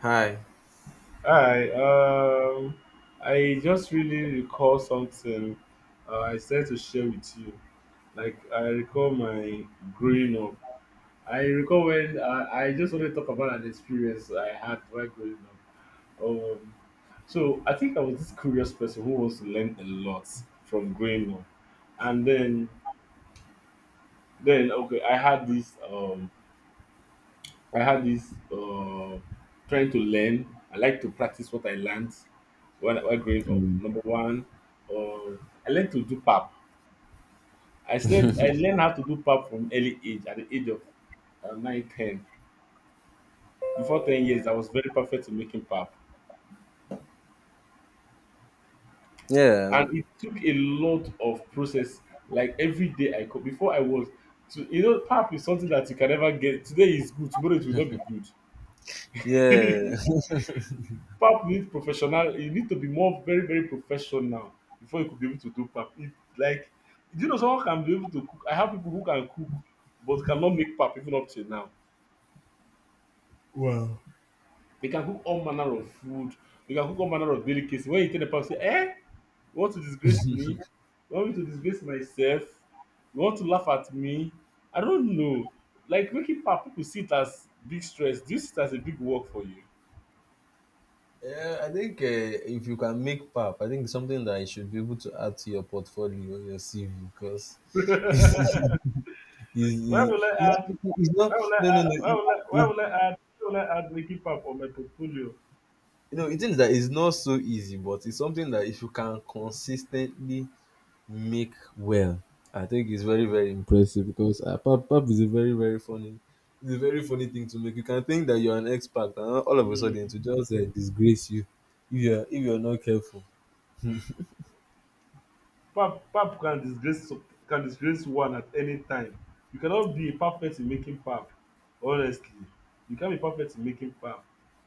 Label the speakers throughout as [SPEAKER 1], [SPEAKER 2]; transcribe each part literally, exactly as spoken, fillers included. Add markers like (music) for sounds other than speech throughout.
[SPEAKER 1] Hi.
[SPEAKER 2] Hi, um, I just really recall something uh, I said to share with you. Like, I recall my growing up. I recall when uh, I just want to talk about an experience I had while growing up. Um, so, I think I was this curious person who wants to learn a lot from growing up. And then, then okay, I had this. Um, I had this uh, trying to learn. I like to practice what I learned when while growing up. Number one, uh, I learned to do pap. I said I learned how to do pap from early age, at the age of uh, nine, ten. Before ten years, I was very perfect in making pap.
[SPEAKER 1] Yeah. um,
[SPEAKER 2] And it took a lot of process. Like every day I could, before I was, to, you know, pap is something that you can never get. Today is good, tomorrow it will not be good.
[SPEAKER 1] Yeah. (laughs)
[SPEAKER 2] Pap, you need professional, you need to be more very very professional before you could be able to do pap. It like, do you know someone can be able to cook? I have people who can cook but cannot make pap even up till now.
[SPEAKER 1] Wow.
[SPEAKER 2] They can cook all manner of food, they can cook all manner of delicacy. When you tell the pap, say eh, you want to disgrace me, you want me to disgrace myself, you want to laugh at me, I don't know. Like making pap, people see it as big stress. Do you see it as a big work for you?
[SPEAKER 1] Yeah, I think uh, if you can make pap, I think it's something that you should be able to add to your portfolio, your C V, because
[SPEAKER 2] (laughs) Where
[SPEAKER 1] it's,
[SPEAKER 2] will I
[SPEAKER 1] it's,
[SPEAKER 2] add?
[SPEAKER 1] it's not.
[SPEAKER 2] Where will I
[SPEAKER 1] No, no, no.
[SPEAKER 2] add? Where
[SPEAKER 1] It,
[SPEAKER 2] will I,
[SPEAKER 1] it,
[SPEAKER 2] where will I add? Where will I add Ricky Pap for my portfolio?
[SPEAKER 1] you know, it is that it's not so easy, but it's something that if you can consistently make well. I think it's very, very impressive because uh, pap, pap is a very, very funny, it's a very funny thing to make. You can think that you're an expert, and all of a sudden to
[SPEAKER 2] Mm.
[SPEAKER 1] just uh, disgrace you if you're if you're not careful.
[SPEAKER 2] Pap Pap can disgrace, can disgrace one at any time. You cannot be perfect in making pap. Honestly, you can't be perfect in making pap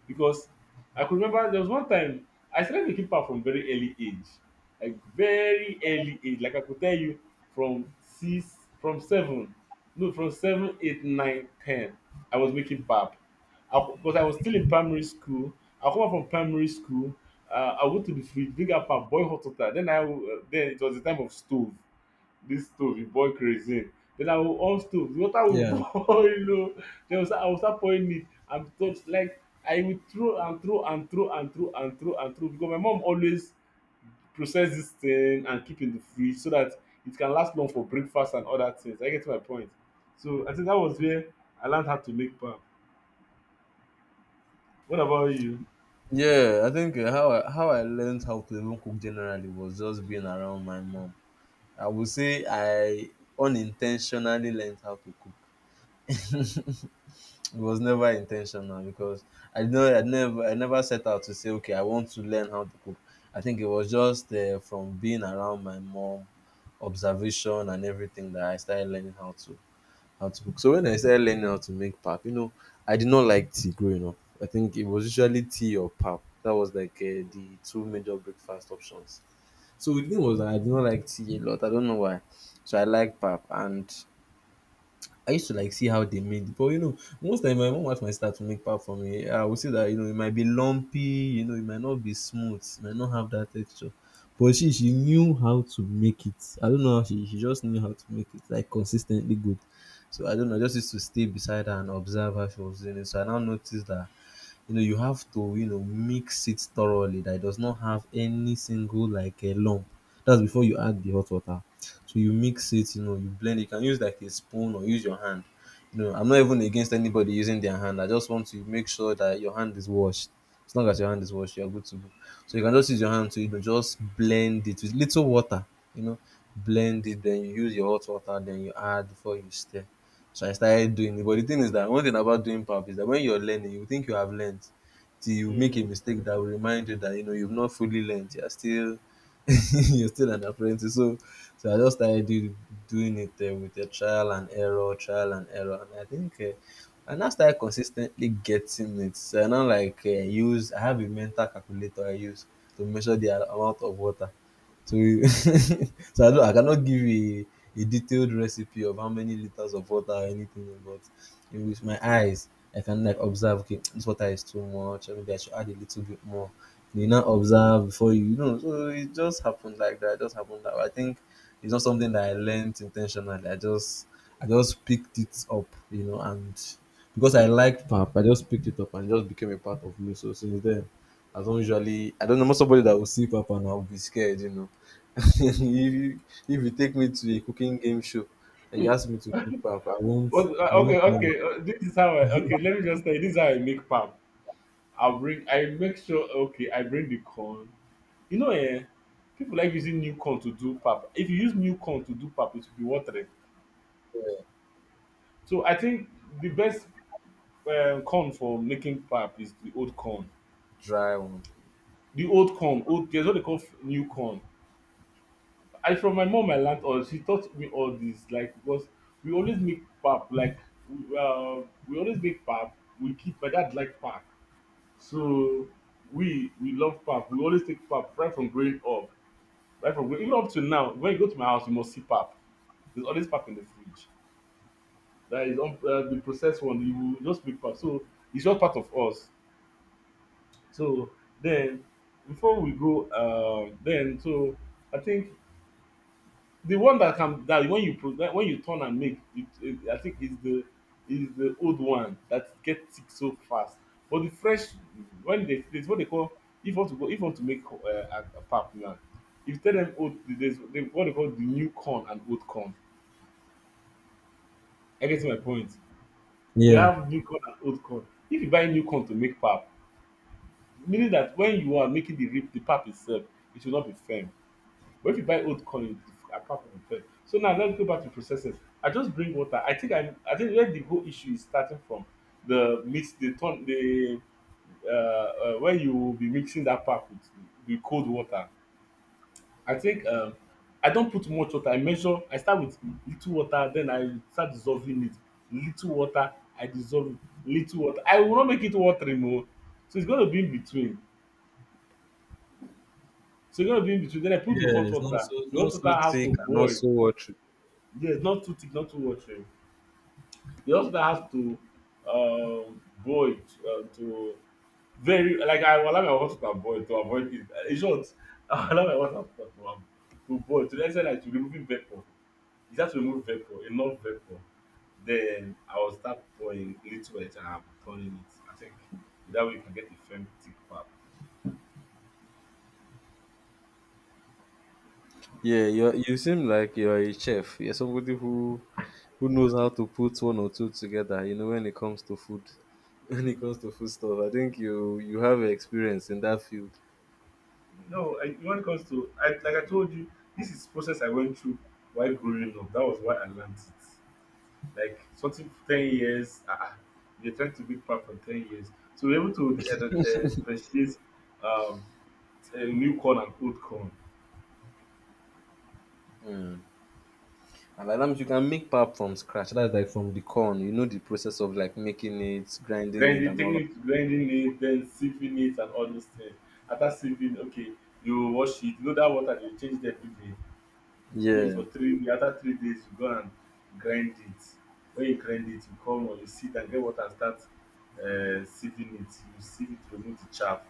[SPEAKER 2] because I could remember there was one time I started making pap from very early age, like very early age. Like I could tell you from six, from seven, no, from seven, eight, nine, ten. I was making pap. I'll, because I was still in primary school. I come out from primary school. Uh, I went to the fridge, dig up and boil hot water. Then I will- uh, then it was the time of stove. This stove, you boil kerosene. Then I will on stove. The water will (laughs)
[SPEAKER 1] Yeah,
[SPEAKER 2] boil. Oh. Then I will start, I will start pouring it. I'm told like I will throw and throw and throw and throw and throw and throw because my mom always process this thing and keep in the fridge so that it can last long for breakfast and other things. I get my point. So I think that was where I learned how to make pap. What about you?
[SPEAKER 1] yeah. I think uh, how I, how I learned how to even cook generally was just being around my mom. I would say I unintentionally learned how to cook. (laughs) It was never intentional because I know I never I never set out to say, okay, I want to learn how to cook. I think it was just uh, from being around my mom, observation and everything that I started learning how to how to cook. So when I started learning how to make pap, you know, I did not like tea growing up. I think it was usually tea or pap. That was like uh, the two major breakfast options. So the thing was that I did not like tea a lot. I don't know why. So I like pap, and I used to like see how they made it, but you know, most time my mom wife might start to make pap for me. I would say that you know it might be lumpy, you know, it might not be smooth, it might not have that texture. But she she knew how to make it. I don't know how she she just knew how to make it, like, consistently good. So I don't know, I just used to stay beside her and observe how she was doing it. So I now noticed that you know you have to you know mix it thoroughly, that it does not have any single, like, a lump. That's before you add the hot water. So you mix it, you know you blend it. You can use like a spoon or use your hand. you know I'm not even against anybody using their hand. I just want to make sure that your hand is washed. As long as your hand is washed, you're good to go. So you can just use your hand to, you know just blend it with little water. you know blend it, then you use your hot water, then you add before you stir. So I started doing it. But the thing is that one thing about doing pap is that when you're learning, you think you have learned till you make a
[SPEAKER 2] Mm.
[SPEAKER 1] mistake that will remind you that you know you've not fully learned. You're still (laughs) you're still an apprentice. So so I just started do, doing it uh, with a trial and error, trial and error, and I think. Uh, and I now started consistently getting it. So I now, like, uh, use I have a mental calculator I use to measure the amount of water, so (laughs) so I don't I cannot give a a detailed recipe of how many liters of water or anything, but in with my eyes, I can, like, observe, okay, this water is too much, or maybe I should add a little bit more. You now observe before you, you know. So it just happened like that. It just happened that way. I think it's not something that I learned intentionally. I just I just picked it up, you know, and because I liked pap, I just picked it up and it just became a part of me. So since then I don't usually, I don't know, I somebody that will sip up and I'll be scared, you know. (laughs) if, you, if you take me to a cooking game show and you ask me to cook pap, I won't,
[SPEAKER 2] What, uh,
[SPEAKER 1] I won't
[SPEAKER 2] okay,
[SPEAKER 1] have
[SPEAKER 2] okay. Uh, this is how I
[SPEAKER 1] it.
[SPEAKER 2] okay. Let
[SPEAKER 1] (laughs)
[SPEAKER 2] me just tell you. This is how I make pap. I bring. I make sure. Okay, I bring the corn. You know, eh, people like using new corn to do pap. If you use new corn to do pap, it will be watery.
[SPEAKER 1] Yeah,
[SPEAKER 2] So I think the best um, corn for making pap is the old corn.
[SPEAKER 1] dry one.
[SPEAKER 2] The old corn. Old. There's what they call f- new corn. I from my mom I learned all. She taught me all this. Like because we always make pap. Like we, uh, we always make pap. We keep. My dad like pap. So we we love pap. We always take pap right from growing up, right from growing, even up to now. When you go to my house, you must see pap. There's always pap in the fridge. That is un- uh, the processed one. You will just make pap. So it's just part of us. So then, before we go, uh, then so I think the one that can that when you pro that when you turn and make it, it I think is the is the old one that get thick so fast. But the fresh, when they, there's what they call, if you want to go, if you want to make uh, a, a pap now, if you tell them old, there's they, what they call the new corn and old corn. I get my point. They
[SPEAKER 1] Yeah.
[SPEAKER 2] have new corn and old corn. If you buy new corn to make pap, meaning that when you are making the rip the pap itself, it should not be firm. But if you buy old corn, it's apart from fair. So now let's go back to processes. I just bring water. I think I, I think where the whole issue is starting from the mix, the ton, the uh, uh, when you will be mixing that pack with the cold water. I think um, I don't put much water. I measure. I start with little water, then I start dissolving it. Little water, I dissolve it. Little water. I will not make it watery more. So it's going to be in between. So it's going to be in between. Then I put the
[SPEAKER 1] Yeah,
[SPEAKER 2] hot
[SPEAKER 1] it's
[SPEAKER 2] water.
[SPEAKER 1] not so,
[SPEAKER 2] The
[SPEAKER 1] not
[SPEAKER 2] hot
[SPEAKER 1] so
[SPEAKER 2] water have
[SPEAKER 1] thick
[SPEAKER 2] to
[SPEAKER 1] and not
[SPEAKER 2] boil.
[SPEAKER 1] so watery.
[SPEAKER 2] Yes, not too thick, not too watery. The hospital has to um, boil it um, to very, like I will allow my water to boil to avoid it. Uh, In short, (laughs) I will allow my water to to, um, to boil to the extent like to remove vapor. You just remove vapor, enough vapor. Then I will start pouring little edge and I'm turning it. I think that way you can get a firm thick pap.
[SPEAKER 1] Yeah, you you seem like you're a chef. You're somebody who who knows how to put one or two together. You know, when it comes to food, (laughs) when it comes to food stuff, I think you you have experience in that field.
[SPEAKER 2] No, I, when it comes to I, like I told you, this is process I went through while growing up. That was why I learned it. Like something for ten years, ah, you're trying to be part for ten years. So we're able to uh, uh, appreciate um, a new corn and old corn.
[SPEAKER 1] Mm. And like that means you can make pap from scratch. That's like from the corn. You know the process of like making it, grinding it,
[SPEAKER 2] Grinding,
[SPEAKER 1] and all
[SPEAKER 2] taking
[SPEAKER 1] of
[SPEAKER 2] it, grinding it, then sieving it and all those things. After sieving, okay, you wash it. You know that water, they change it every day. I think
[SPEAKER 1] yeah,
[SPEAKER 2] for three the other three days you go and grind it. When you grind it, you come or you sit and get water and start uh, sieving it. You sieve it, to remove the chaff.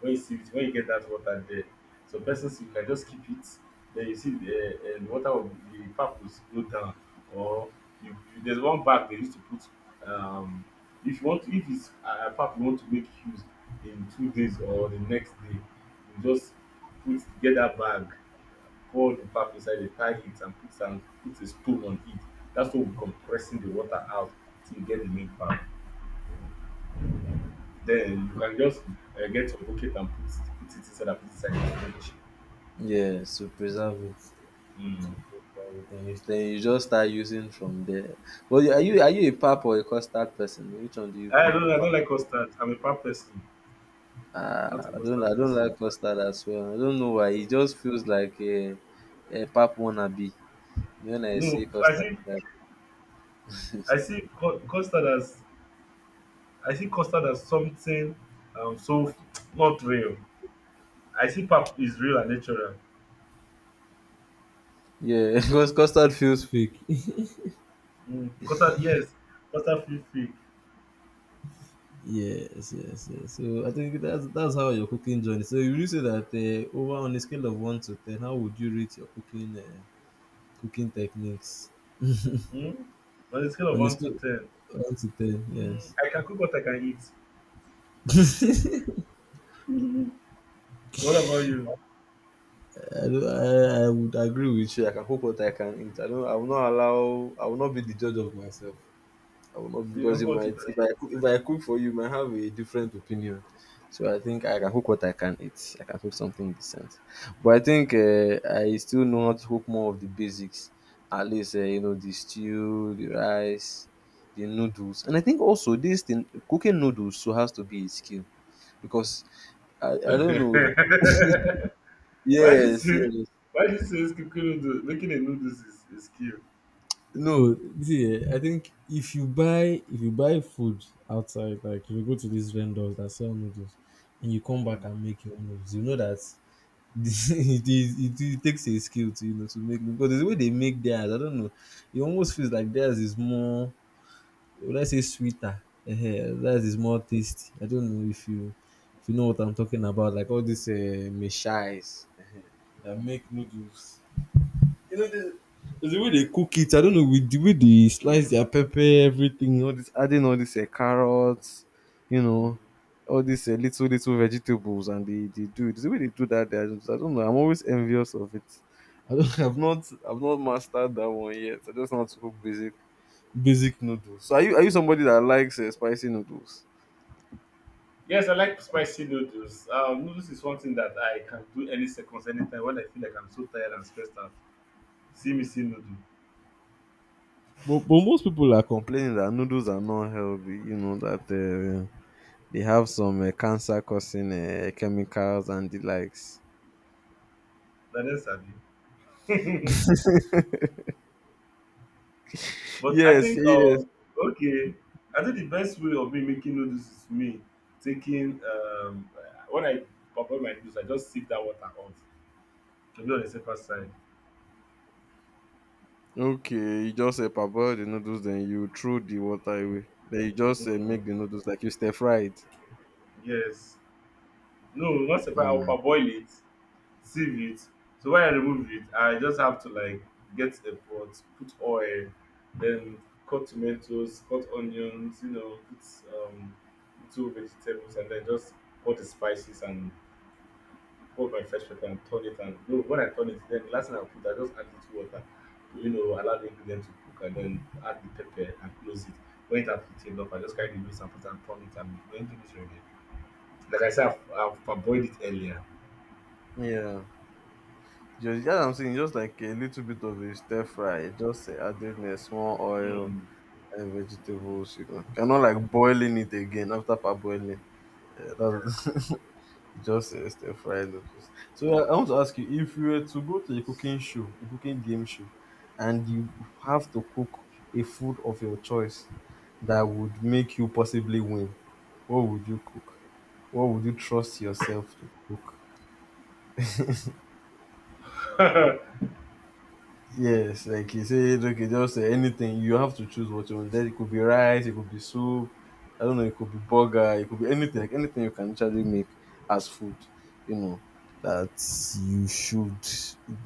[SPEAKER 2] When you sieve it, when you get that water there, so persons you can just keep it. Then you see the, uh, the water of the pap will slow down. Or you, you, there's one bag they used to put. Um, if you want, if it's uh, a pap you want to make use in two days or the next day, you just put, get that bag, poured the pap inside, the tie it and put and put a spoon on it. That's what we are compressing the water out till you get the milk back. Then you can just uh, get your bucket and put, put it inside, and put it inside the fridge.
[SPEAKER 1] yeah. So preserve it. To
[SPEAKER 2] Mm.
[SPEAKER 1] preserve it. Then you, then you just start using from there. Well, are you are you a pap or a custard person? Which one do you
[SPEAKER 2] I don't
[SPEAKER 1] prefer?
[SPEAKER 2] I
[SPEAKER 1] Pap?
[SPEAKER 2] don't like custard. I'm a pap person. I'm not
[SPEAKER 1] Ah,
[SPEAKER 2] a
[SPEAKER 1] I don't
[SPEAKER 2] custard
[SPEAKER 1] I don't
[SPEAKER 2] person.
[SPEAKER 1] like custard as well. I don't know why. It just feels like a, a pap wannabe. When I
[SPEAKER 2] No,
[SPEAKER 1] see
[SPEAKER 2] I
[SPEAKER 1] custard,
[SPEAKER 2] see,
[SPEAKER 1] like
[SPEAKER 2] I
[SPEAKER 1] (laughs)
[SPEAKER 2] see cu- custard as, I see custard as something um so f- not real. I see pap is real and natural.
[SPEAKER 1] yeah, (laughs) because custard feels fake.
[SPEAKER 2] Mm. Custard, yes, custard feel fake.
[SPEAKER 1] Yes, yes, yes. So I think that's that's how your cooking journey. So you really say that uh, over on a scale of one to ten, how would you rate your cooking uh, cooking techniques
[SPEAKER 2] Mm. On a scale of
[SPEAKER 1] on a
[SPEAKER 2] one to
[SPEAKER 1] scale
[SPEAKER 2] ten,
[SPEAKER 1] of one to ten?
[SPEAKER 2] mm,
[SPEAKER 1] Yes.
[SPEAKER 2] I can cook what I can eat. So
[SPEAKER 1] (laughs)
[SPEAKER 2] what about you?
[SPEAKER 1] I, don't- I I would agree with you. I can cook what I can eat. I don't. I will not allow. I will not be the judge of myself. I will not,
[SPEAKER 2] You can
[SPEAKER 1] because
[SPEAKER 2] cook
[SPEAKER 1] you
[SPEAKER 2] what you
[SPEAKER 1] might
[SPEAKER 2] can
[SPEAKER 1] if I cook, if I cook for you, you might have a different opinion. So I think I can cook what I can eat. I can cook something decent, but I think uh, I still know how to cook more of the basics. At least uh, you know, the stew, the rice, the noodles, and I think also this thing, cooking noodles, so has to be a skill because I, I
[SPEAKER 2] eat.
[SPEAKER 1] don't know.
[SPEAKER 2] (laughs)
[SPEAKER 1] (laughs)
[SPEAKER 2] why this
[SPEAKER 1] yes,
[SPEAKER 2] is
[SPEAKER 1] yes.
[SPEAKER 2] why this is cooking noodles, making a noodles is a skill.
[SPEAKER 1] No, see, eh, I think if you buy if you buy food outside, like if you go to these vendors that sell noodles, and you come back
[SPEAKER 2] Mm,
[SPEAKER 1] and make your own noodles, you know that (laughs) it is it, it takes a skill to you know to make because the way they make theirs, I don't know, it almost feels like theirs is more, let's say, sweeter, uh, theirs is more tasty. I don't know if you if you know what I'm talking about, like all these uh, meshais that
[SPEAKER 2] mm,
[SPEAKER 1] make noodles, you know, the, the way they cook it, I don't know, with the way they slice their pepper, everything, all this, adding all these uh, carrots, you
[SPEAKER 2] mm.
[SPEAKER 1] know, all these uh, little, little vegetables, and they, they do it. The way they do that, they are just- I don't know, I'm always envious of it. I don't, (laughs) I've not, I've not mastered that one yet. I just know how to cook basic, basic noodles. So are you, are you somebody that likes uh, spicy noodles?
[SPEAKER 2] Yes, I like spicy noodles. Um, noodles is one thing that I can do any seconds, anytime when I feel like I'm so tired and stressed out. See me see noodle.
[SPEAKER 1] But, but most people are complaining that noodles are not healthy. You know that uh, they have some uh, cancer causing uh, chemicals and the likes.
[SPEAKER 2] That is sabi. (laughs) But I
[SPEAKER 1] Yes,
[SPEAKER 2] think
[SPEAKER 1] yes.
[SPEAKER 2] um okay, I think the best way of me making noodles is me taking um when I prepare my noodles, I just sip that water out to be on the safer side.
[SPEAKER 1] Okay, you just uh, parboil the noodles, then you throw the water away. Then you just
[SPEAKER 2] Mm,
[SPEAKER 1] uh,
[SPEAKER 2] mm,
[SPEAKER 1] make the noodles like you stir fried.
[SPEAKER 2] yes, no, not if I'll
[SPEAKER 1] Mm.
[SPEAKER 2] parboil it, sieve it. So when I remove it, I just have to like get a pot, put oil, then cut tomatoes, cut onions, you know, put um two vegetables, and then just put the spices and put my fresh pepper and turn it, and no, when I turn it, then last thing I put, I just add little water to, you know, allow the ingredient to cook and then add the pepper and close it. When it has heated up, I just carry the noodles and put and turn it, and when it is ready. Like I said, I've, I've parboiled it earlier.
[SPEAKER 1] Yeah. Just, yeah, I'm saying just like a little bit of a stir fry, just uh, adding a small
[SPEAKER 2] Mm.
[SPEAKER 1] oil
[SPEAKER 2] Mm.
[SPEAKER 1] and vegetables, you know. You're not like boiling it again after parboiling. Yeah,
[SPEAKER 2] Yeah.
[SPEAKER 1] that's (laughs) just uh, stir fried noodles. So I, I want to ask you if you were to go to a cooking show, a cooking game show, and you have to cook a food of your choice that would make you possibly win, what would you cook? What would you trust yourself to cook?
[SPEAKER 2] Mm.
[SPEAKER 1] Yes, like you said, okay, just uh, anything. You have to choose what you want. Then it could be rice, it could be soup. I don't know. It could be burger. It could be anything. Like anything you can actually make as food. You know that you should,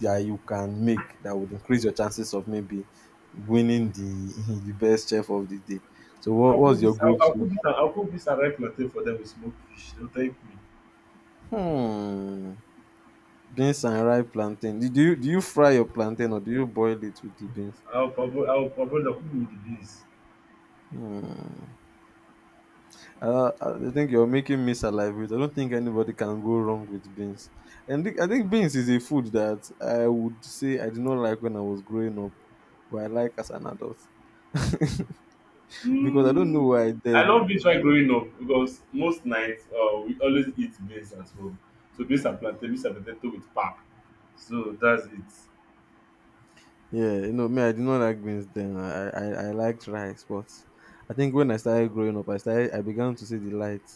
[SPEAKER 1] that you can make, that would increase your chances of maybe winning the (laughs) the best chef of the day. So
[SPEAKER 2] (laughs)
[SPEAKER 1] what
[SPEAKER 2] I'll cook
[SPEAKER 1] was your
[SPEAKER 2] this. I'll, I'll
[SPEAKER 1] go-to?
[SPEAKER 2] cook this. and- I'll cook this and ripe plantain for them with smoked fish. They'll thank me.
[SPEAKER 1] Hmm. Beans and ripe plantain. Do do you do you fry your plantain or do you boil it with the beans?
[SPEAKER 2] I'll parboil. I'll parboil the cook with the beans.
[SPEAKER 1] Hmm. Uh, I think you're making me salivate. I don't think anybody can go wrong with beans. And thi- I think beans is a food that I would say I did not like when I was growing up, but I like as an adult. (laughs) because I don't know
[SPEAKER 2] Mm,
[SPEAKER 1] why
[SPEAKER 2] I love beans while
[SPEAKER 1] then.
[SPEAKER 2] growing up because most nights uh, we always eat beans at home. So beans and plantain, beans and potato with pap. So that's it.
[SPEAKER 1] Yeah, you know, me, I did not like beans then. I, I, I liked rice, but I think when I started growing up, I started, I began to see the light.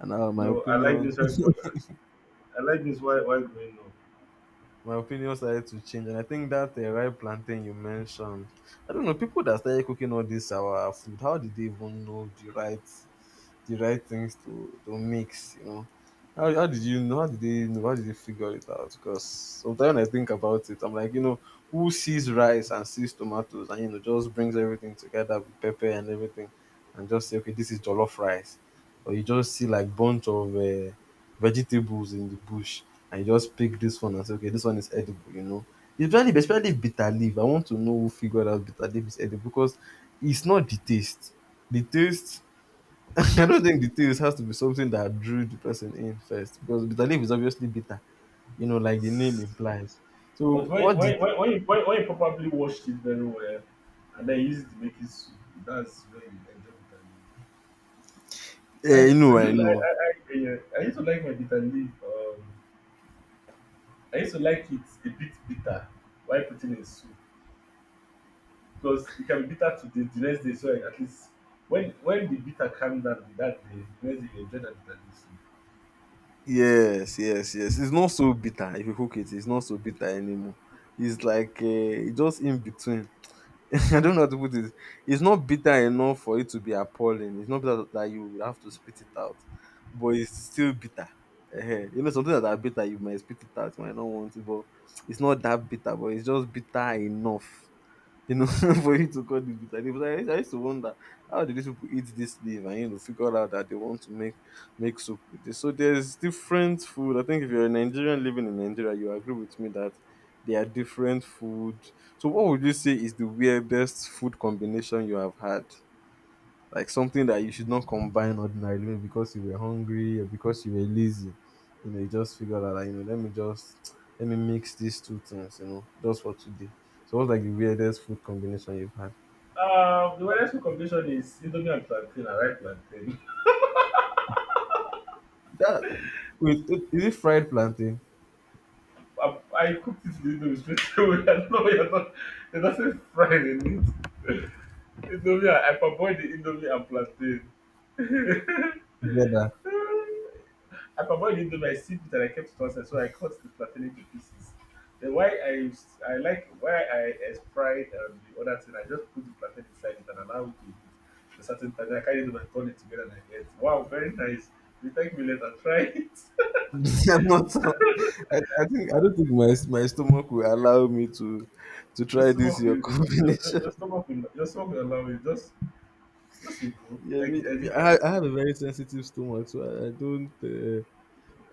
[SPEAKER 1] And now my
[SPEAKER 2] No, I like
[SPEAKER 1] opinion
[SPEAKER 2] beans while I like beans while, while growing up.
[SPEAKER 1] my opinion started to change. And I think that uh, ripe plantain you mentioned, I don't know, people that started cooking all this our food, how did they even know the right the right things to to mix? You know how, how did you know, how did they know, how did they figure it out? Because sometimes when I think about it, I'm like, you know, who sees rice and sees tomatoes and, you know, just brings everything together with pepper and everything and just say, okay, this is jollof rice. Or you just see like bunch of uh, vegetables in the bush and you just pick this one and say, okay, this one is edible, you know. Especially especially bitter leaf, I want to know who figured out bitter leaf is edible. Because it's not the taste, the taste (laughs) I don't think the taste has to be something that drew the person in first, because bitter leaf is obviously bitter, you know, like the name implies.
[SPEAKER 2] But
[SPEAKER 1] So
[SPEAKER 2] why,
[SPEAKER 1] what did—
[SPEAKER 2] why, why, why, why when you probably washed it very well and then use it to make it soup, that's where you enjoy
[SPEAKER 1] Eh, you
[SPEAKER 2] bitter leaf. I
[SPEAKER 1] know,
[SPEAKER 2] I
[SPEAKER 1] I
[SPEAKER 2] do like
[SPEAKER 1] know.
[SPEAKER 2] I I, I, eh, I used to like my bitter leaf. Um, I used to like it a bit bitter while putting in soup. Because it can be bitter to the the next day, so like, at least when when the bitter calm down that day, the next day you enjoy that bitter.
[SPEAKER 1] Yes, yes, yes. It's not so bitter if you cook it, it's not so bitter anymore. It's like uh, just in between. (laughs) I don't know how to put it. It's not bitter enough for it to be appalling. It's not bitter that you would have to spit it out, but it's still bitter. Ehen. You know, something that are bitter, you might spit it out, you might not want it, but it's not that bitter, but it's just bitter enough, you know, (laughs) for you to call it bitter leaf. So I, used- I used to wonder how did these people eat this leaf and, you know, figure out that they want to make make soup with this. So there's different food. I think if you're a Nigerian living in Nigeria, you agree with me that there are different food. So what would you say is the weirdest food combination you have had? Like something that you should not combine ordinarily, maybe because you were hungry or because you were lazy. You know, you just figure that, like, you know, let me just let me mix these two things, you know, just for today. So what's like the weirdest food combination you've had?
[SPEAKER 2] Um, the weather combination is Indomie and plantain. I like plantain.
[SPEAKER 1] That— wait, is it fried plantain
[SPEAKER 2] I, I cooked it in the Indomie straight away. (laughs) I don't know why you're not. It doesn't fry in it. (laughs) Indomie, I parboiled the Indomie and plantain. (laughs)
[SPEAKER 1] together?
[SPEAKER 2] I parboiled the Indomie, I sieved it and I kept it one so I cut the plantain into pieces. Then why I I like why I as fried um, the other thing, I just put the plantain inside it and allow it to heat for certain time. I carried it and turned it together and I ate. Wow, very nice. You thank me later. (laughs) Try it.
[SPEAKER 1] (laughs) I'm not sure. I, I think I don't think my my stomach will allow me to to
[SPEAKER 2] your
[SPEAKER 1] try this
[SPEAKER 2] stomach
[SPEAKER 1] your (laughs)
[SPEAKER 2] will your,
[SPEAKER 1] combination.
[SPEAKER 2] your your stomach will your stomach will allow it. Just just let go.
[SPEAKER 1] Yeah,
[SPEAKER 2] I,
[SPEAKER 1] me,
[SPEAKER 2] I
[SPEAKER 1] me-
[SPEAKER 2] did that.
[SPEAKER 1] I, I have a very sensitive stomach, so I, I don't. Uh,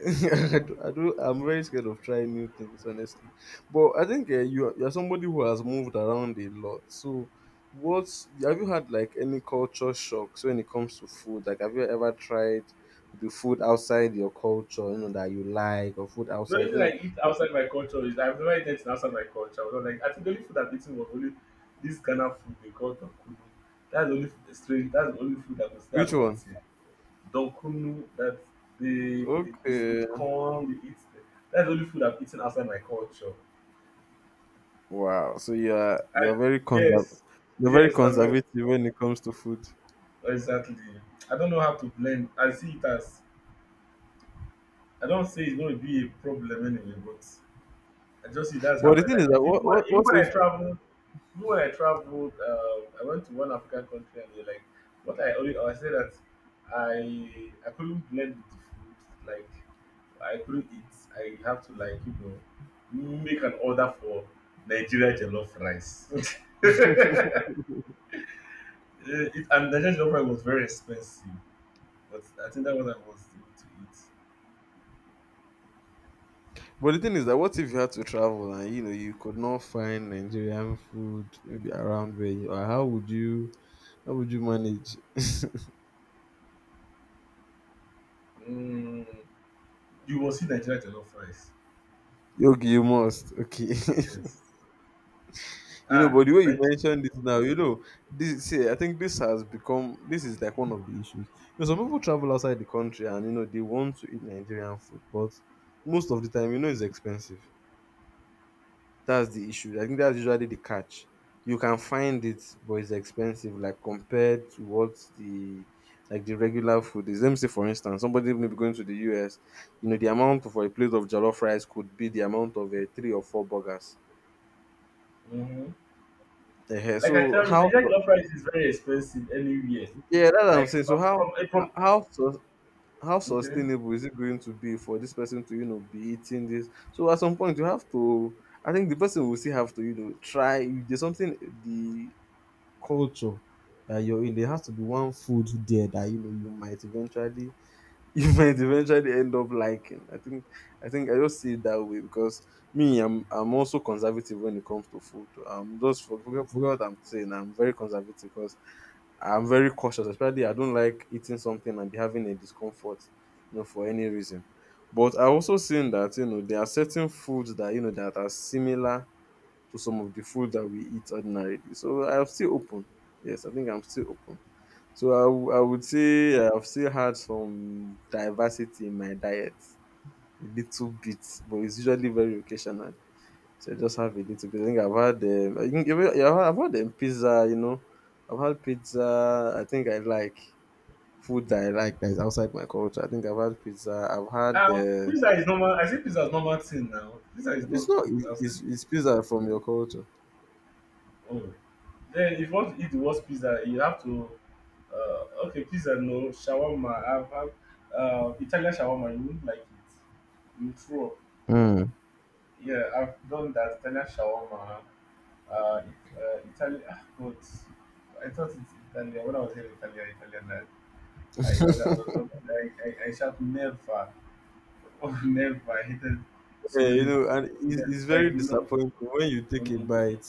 [SPEAKER 1] (laughs) I do, I do, I'm very scared of trying new things, honestly. But I think uh, you you're somebody who has moved around a lot. So, what have you had, like, any culture shocks when it comes to food? Like, have you ever tried the food outside your culture, you know, that you like, or food
[SPEAKER 2] The only
[SPEAKER 1] outside, you
[SPEAKER 2] thing I
[SPEAKER 1] know?
[SPEAKER 2] eat
[SPEAKER 1] But—
[SPEAKER 2] outside my culture is I've never eaten anything outside my culture. I was like I think the only food I've eaten was only this Ghana food they call Donkunu. That's the only food, that's strange that's the only food I can say I've
[SPEAKER 1] Which one?
[SPEAKER 2] eaten. Donkunu that they it's
[SPEAKER 1] Okay.
[SPEAKER 2] with corn, they eat that's the only food I've eaten outside my culture.
[SPEAKER 1] Wow. So you're you're
[SPEAKER 2] I,
[SPEAKER 1] very conserv-
[SPEAKER 2] yes.
[SPEAKER 1] you're very
[SPEAKER 2] Yes, I'm very,
[SPEAKER 1] conservative when it comes to food.
[SPEAKER 2] exactly. I don't know how to blend. I see it as I don't say it's going to be a problem anyway, but I just see that's how
[SPEAKER 1] Well, the
[SPEAKER 2] my
[SPEAKER 1] thing is
[SPEAKER 2] life is.
[SPEAKER 1] that
[SPEAKER 2] Even
[SPEAKER 1] what what
[SPEAKER 2] when, even
[SPEAKER 1] what
[SPEAKER 2] when
[SPEAKER 1] if—
[SPEAKER 2] I traveled, even when I traveled, uh, I went to one African country and they're like, what I only, I said that I I couldn't blend with the food, like I couldn't eat. I have to like you know make an order for Nigeria jollof rice. (laughs) Eh, it, and Nigeria jollof rice was very expensive, but I think that was I was able to eat.
[SPEAKER 1] But the thing is that what if you had to travel and you know you could not find Nigerian food maybe around where you are? How would you, how would you manage?
[SPEAKER 2] Mm, you will see Nigeria jollof rice.
[SPEAKER 1] Okay, you must. Okay. (laughs)
[SPEAKER 2] Yes.
[SPEAKER 1] You know,
[SPEAKER 2] Ah,
[SPEAKER 1] but the way you
[SPEAKER 2] like,
[SPEAKER 1] mentioned this now, you know, this see, I think this has become this is like one of the issues. You know, some people travel outside the country and you know they want to eat Nigerian food, but most of the time, you know, it's expensive. That's the issue. I think that's usually the catch. You can find it, but it's expensive, like compared to what the— like the regular food is. Let me say, for instance, somebody may be going to the U S, you know, the amount for a plate of jollof rice could be the amount of uh, three or four burgers.
[SPEAKER 2] mm-hmm.
[SPEAKER 1] uh
[SPEAKER 2] Like I
[SPEAKER 1] So
[SPEAKER 2] tell you,
[SPEAKER 1] how?
[SPEAKER 2] Nigerian jollof rice is very expensive anywhere.
[SPEAKER 1] Yeah, that's what I'm
[SPEAKER 2] Like
[SPEAKER 1] saying. So
[SPEAKER 2] from
[SPEAKER 1] how—
[SPEAKER 2] from, eh, from
[SPEAKER 1] how sus- how
[SPEAKER 2] okay.
[SPEAKER 1] sustainable is it going to be for this person to, you know, be eating this? So at some point you have to— I think the person will still have to, you know, try. There's something— the culture that you're in, there has to be one food there that you know you might eventually (laughs) you might eventually end up liking. I think I think I just see it that way because me, I'm I'm also conservative when it comes to food. Um, just for— forget, forget what I'm saying. I'm very conservative because I'm very cautious. Especially, I don't like eating something and be having a discomfort, you know, for any reason. But I also seen that you know there are certain foods that you know that are similar to some of the food that we eat ordinarily. So I'm still open. Yes, I think I'm still open. So I, w- I would say I've still had some diversity in my diet, a little bit, but it's usually very occasional. So I just have a little bit. I think I've had, um, I think, even- yeah, I've had um, pizza, you know. I've had pizza. I think I like food that I like that is outside my culture. I think I've had pizza. I've had,
[SPEAKER 2] Um,
[SPEAKER 1] uh,
[SPEAKER 2] pizza is normal. I say pizza is normal thing now. Pizza is
[SPEAKER 1] it's
[SPEAKER 2] not
[SPEAKER 1] not,
[SPEAKER 2] food. I say,
[SPEAKER 1] it's, it's pizza from your culture.
[SPEAKER 2] oh, then if you want to eat the worst pizza, you have to. Uh, okay, pizza no shawarma. I've had uh, Italian shawarma. You won't like it. You throw up.
[SPEAKER 1] Hmm.
[SPEAKER 2] Yeah, I've done that Italian shawarma. Uh, it, uh, Italian, ah, but I thought it's Italian. When I was here in Italy, Italian, I, I, was- I was not, I, I, I shout never, (laughs) oh, never. I hated so
[SPEAKER 1] Yeah, you
[SPEAKER 2] many,
[SPEAKER 1] know, and it's,
[SPEAKER 2] yeah,
[SPEAKER 1] it's
[SPEAKER 2] like,
[SPEAKER 1] very
[SPEAKER 2] you know,
[SPEAKER 1] disappointing when you take a
[SPEAKER 2] um,
[SPEAKER 1] bite.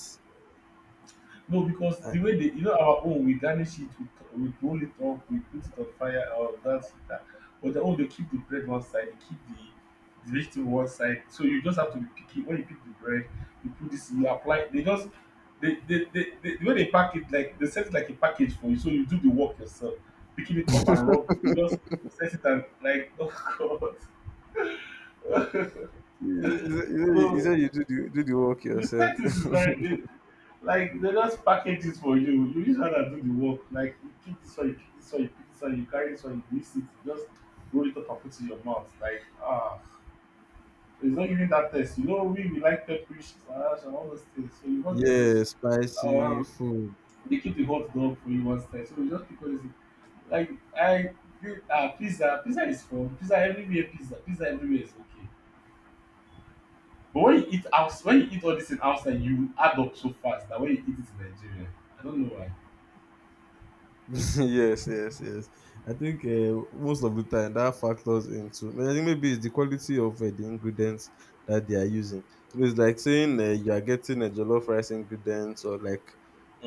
[SPEAKER 2] no, because
[SPEAKER 1] And—
[SPEAKER 2] the way they, you know, our own, we garnish it with, we roll it up, we put it on fire, or that's it. That. But their own, they keep the bread one side, they keep the, the vegetable one side. So you just have to be picky. When you pick the bread, you put this, you apply. They just, they, they, they, they, the way they pack it, like they set it like a package for you. So you do the work yourself, picking it up and rub. You just set it and like, (laughs) oh god.
[SPEAKER 1] You, you,
[SPEAKER 2] (laughs)
[SPEAKER 1] you, you
[SPEAKER 2] So
[SPEAKER 1] said you do the, do the work
[SPEAKER 2] the
[SPEAKER 1] yourself.
[SPEAKER 2] fact is is very they, like they just package it for you, you just hand to do the work, like you pick this one, you pick this one, you pick this one, you carry this one, you mix it, you just roll it up and put it in your mouth like ah, it's not giving that taste. You know, we we like pepperish salash and all those things, so you
[SPEAKER 1] (laughs)
[SPEAKER 2] won't get those.
[SPEAKER 1] Yeah, spicy
[SPEAKER 2] um
[SPEAKER 1] food.
[SPEAKER 2] they keep the hot dog for you one time, so you just pick all this. Like I ah uh, pizza, pizza is from pizza everywhere, pizza pizza everywhere is okay. But when you eat outs when you eat all this in outside, you add up so fast that when you eat it in Nigeria, I don't know why.
[SPEAKER 1] (laughs) Yes, yes, yes. I think uh, most of the time that factors into. I think maybe it's the quality of uh, the ingredients that they are using. You know, it's like saying uh, you are getting a jollof rice ingredients or like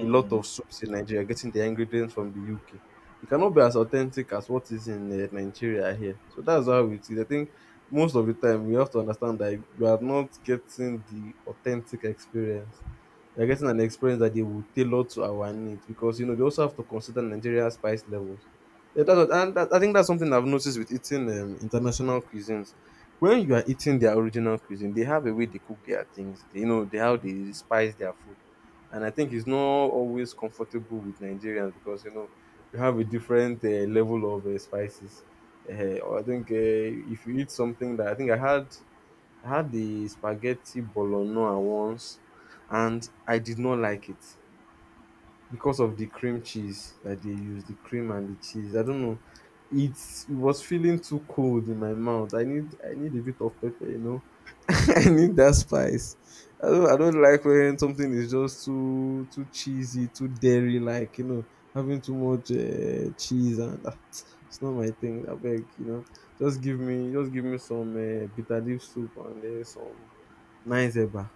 [SPEAKER 1] a lot of soups in Nigeria, getting the ingredients from the U K. It cannot be as authentic as what is in uh, Nigeria here. So that's how it is. I think most of the time we have to understand that you are not getting the authentic experience. They're getting an experience that they will tailor to our needs, because you know they also have to consider Nigeria's spice levels. Yeah, that's what— and that, I think that's something I've noticed with eating um, international cuisines. When you are eating their original cuisine, they have a way they cook their things. They, you know, they how
[SPEAKER 2] You know?
[SPEAKER 1] they spice their food, and I think it's not always comfortable with Nigerians, because you know we have a different uh, level of uh, spices. Uh, or I think uh, if you eat something that— I think I had I had the spaghetti bolognese once and I did not like it because of the cream cheese that they used, the cream and the cheese. I don't know. It's, it was feeling too cold in my mouth. I need I need a bit of pepper, you know. (laughs) I need that spice. I don't I don't like when something is just too too cheesy, too dairy like, you know, having too much uh, cheese and ah, (tsk) it's not my thing. I beg, you know. Just give me just give me some uh, bitter leaf soup and uh, some nine zebra.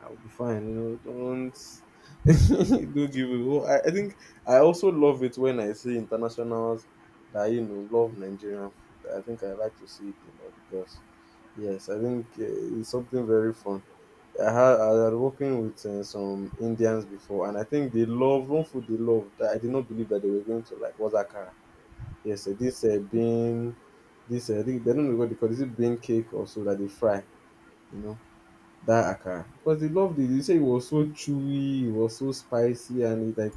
[SPEAKER 1] I'll be fine. You know, don't (laughs) don't give it. Oh, I, I think I also love it when I see internationals that you know love Nigerian food. I think I like to see it a lot because yes, I think uh, it's something very fun. I had I had working with uh, some Indians before, and I think they love one food— they love that I did not believe that they were going to like was akara. Yes, uh, this uh, bean, this uh, I think— they don't know what they call it, is it bean cake also that they fry. You know, that akara, because they loved it. They said it was so chewy, it was so spicy, and it like—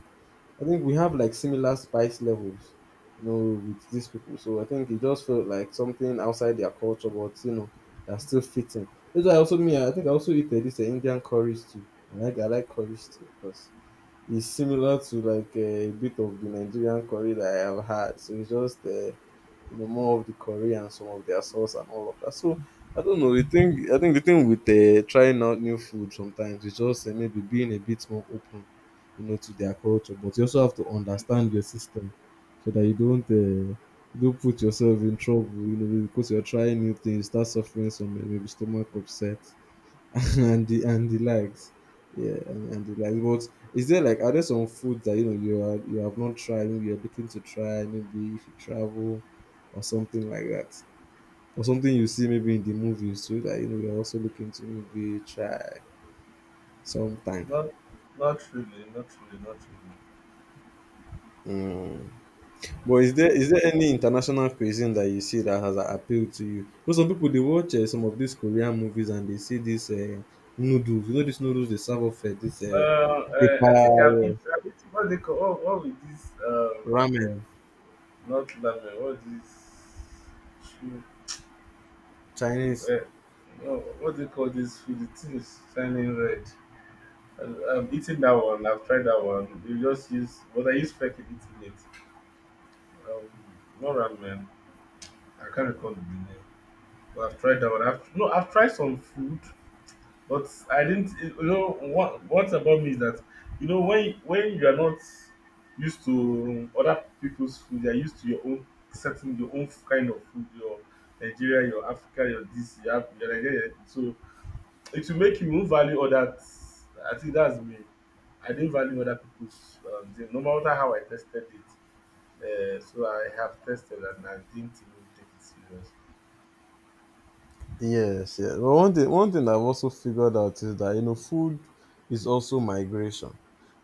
[SPEAKER 1] I think we have like similar spice levels, you know, with these people. So I think it just felt like something outside their culture, but you know, that's still fitting. That's why I also me. I think I also eat uh, this uh, Indian curry stew. I like I like curry stew because it's similar to like uh, a bit of the Nigerian curry that I have had. So it's just uh, you know more of the curry and some of their sauce and all of that. So I don't know. I think I think the thing with uh, trying out new food sometimes is just uh, maybe being a bit more open, you know, to their culture. But you also have to understand your system so that you don't uh, you don't put yourself in trouble. You know, because you're trying new things, start suffering some uh, maybe stomach upset (laughs) and the and the likes. Yeah, and, and the likes. But is there like are there some foods that you know you are you have not tried, maybe you're looking to try, maybe if you travel or something like that? Or something you see maybe in the movies too that you know you're also looking to maybe try sometime.
[SPEAKER 2] Not, not really, not really, not really.
[SPEAKER 1] Mm. But is there is there any international cuisine that you see that has uh, appealed to you? Because some people they watch uh, some of these Korean movies and they see these uh, noodles. You know these noodles they serve up uh, this
[SPEAKER 2] Uh,
[SPEAKER 1] uh,
[SPEAKER 2] uh, I think I've eaten.
[SPEAKER 1] paper
[SPEAKER 2] I've eat what they call, what, what with this, um, uh,
[SPEAKER 1] ramen.
[SPEAKER 2] not ramen, what this, chu- chu-
[SPEAKER 1] Chinese.
[SPEAKER 2] uh, no, what they call this food, the thing is shining red. And I've eaten that one, I've tried that one. You just use, but I use fake in eating it. Um, not ramen, I can't recall the name. Well, I've tried that one. I've, no, I've tried some food, but I didn't. You know what? What about me is that you know when when you are not used to other people's food, you are used to your own certain your own kind of food. Your Nigeria, your Africa, your this, your, Af- your Nigeria. So it will make you won't value all that. I think that's me. I didn't value other people's um, thing, no matter how I tested it. Uh, so I have tested and I didn't even take it serious.
[SPEAKER 1] Yes, yes. But one thing, one thing I've also figured out is that you know food is also migration.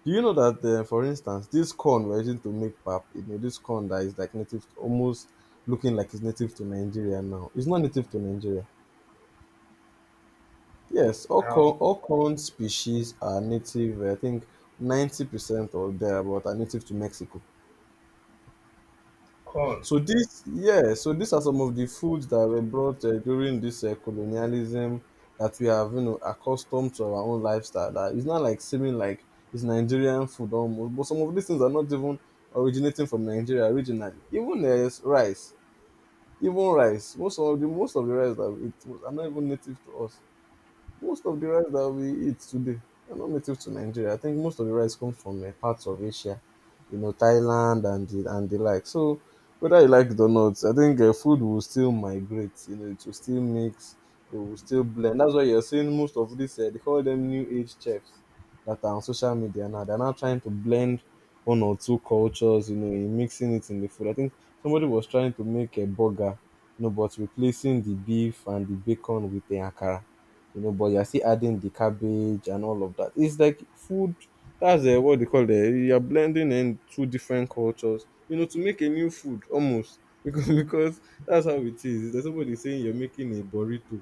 [SPEAKER 1] Do you know that, uh, for instance, this corn we're using to make pap, you know, this corn that is like native, to, almost looking like it's native to Nigeria now. It's not native to Nigeria. Yes, all
[SPEAKER 2] How
[SPEAKER 1] corn, all corn species are native. I think ninety percent or thereabout are native to Mexico.
[SPEAKER 2] corn?
[SPEAKER 1] So this, yeah, so these are some of the foods that were brought uh, during this uh, colonialism that we have, you know, accustomed to our own lifestyle. That it's not like seeming like it's Nigerian food almost, but some of these things are not even originating from Nigeria originally. Even uh, rice, even rice, most of the most of the rice that we eat was- are not even native to us. Most of the rice that we eat today are not native to Nigeria. I think most of the rice comes from uh, parts of Asia, you know, Thailand and the, and the like. So whether you like it or not, I think uh, food will still migrate. You know, it will still mix. They will still blend. That's why you're seeing most of this. Uh, they call them new age chefs that are on social media now. They're now trying to blend one or two cultures. You know, in mixing it in the food. I think somebody was trying to make a burger, you know, but replacing the beef and the bacon with the akara, you know, but you're still adding the cabbage and all of that. It's like food. That's uh, what they call it. You're blending in two different cultures, you know, to make a new food almost (laughs) because because that's how it is. There's somebody saying you're making a burrito,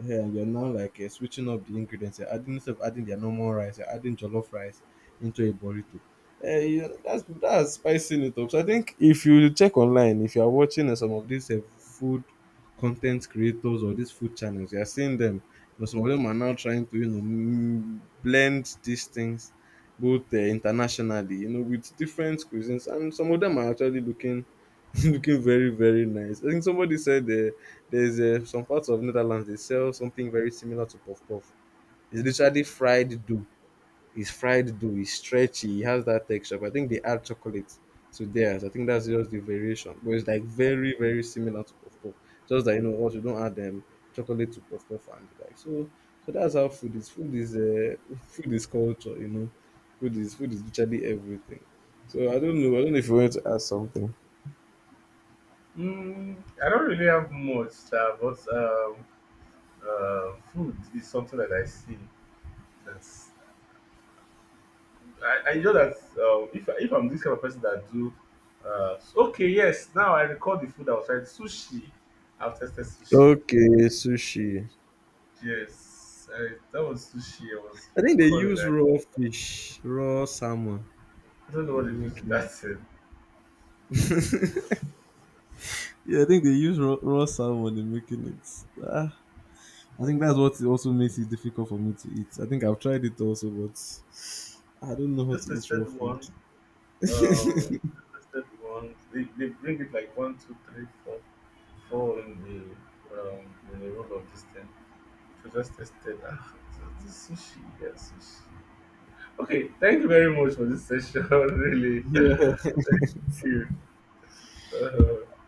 [SPEAKER 1] yeah, you're now like uh, switching up the ingredients. You're adding, instead of adding their normal rice, you're adding jollof rice into a burrito. Uh, you know, that's that's spicing it up. So I think if you check online, if you are watching uh, some of these uh, food content creators or these food channels, you are seeing them. You know, some of them are now trying to you know m- blend these things, both uh, internationally, you know, with different cuisines, and some of them are actually looking (laughs) looking very very nice. I think somebody said uh, there's uh, some parts of Netherlands they sell something very similar to puff puff. It's literally fried dough. It's fried dough. It's stretchy. It has that texture. But I think they add chocolate to theirs. I think that's just the variation. But it's like very very similar to puff puff. Just that you know what you don't add um, chocolate to puff puff and the like so. So that's how food is. Food is uh, (laughs) food is culture. You know, food is food is literally everything. So I don't know. I don't know if you want to add something.
[SPEAKER 2] Mm, I don't really have much, uh, but um, uh, food is something that I see. That's I, I know that um, if if I'm this kind of person that do, uh, s- okay, yes. Now I recall the food I was trying sushi. I've tested sushi.
[SPEAKER 1] Okay, sushi.
[SPEAKER 2] Yes, I, that was sushi. I was
[SPEAKER 1] I think they
[SPEAKER 2] recalling.
[SPEAKER 1] use
[SPEAKER 2] I,
[SPEAKER 1] raw fish, raw salmon
[SPEAKER 2] I don't know
[SPEAKER 1] in
[SPEAKER 2] what they do to
[SPEAKER 1] making.
[SPEAKER 2] that (laughs) thing.
[SPEAKER 1] Yeah, I think they use raw, raw salmon in making it. Ah, I think that's what also makes it difficult for me to eat. I think I've tried it also, but I don't know how
[SPEAKER 2] Just
[SPEAKER 1] to eat
[SPEAKER 2] tested
[SPEAKER 1] raw food.
[SPEAKER 2] one. Um,
[SPEAKER 1] (laughs)
[SPEAKER 2] just tested one. They, they bring it like one, two, three, four, four in the um, in the roll of this thing. So just tested. Ah, so this sushi, yeah, sushi. Okay, thank you very much for this session. (laughs) Really,
[SPEAKER 1] Yeah.
[SPEAKER 2] phew. Uh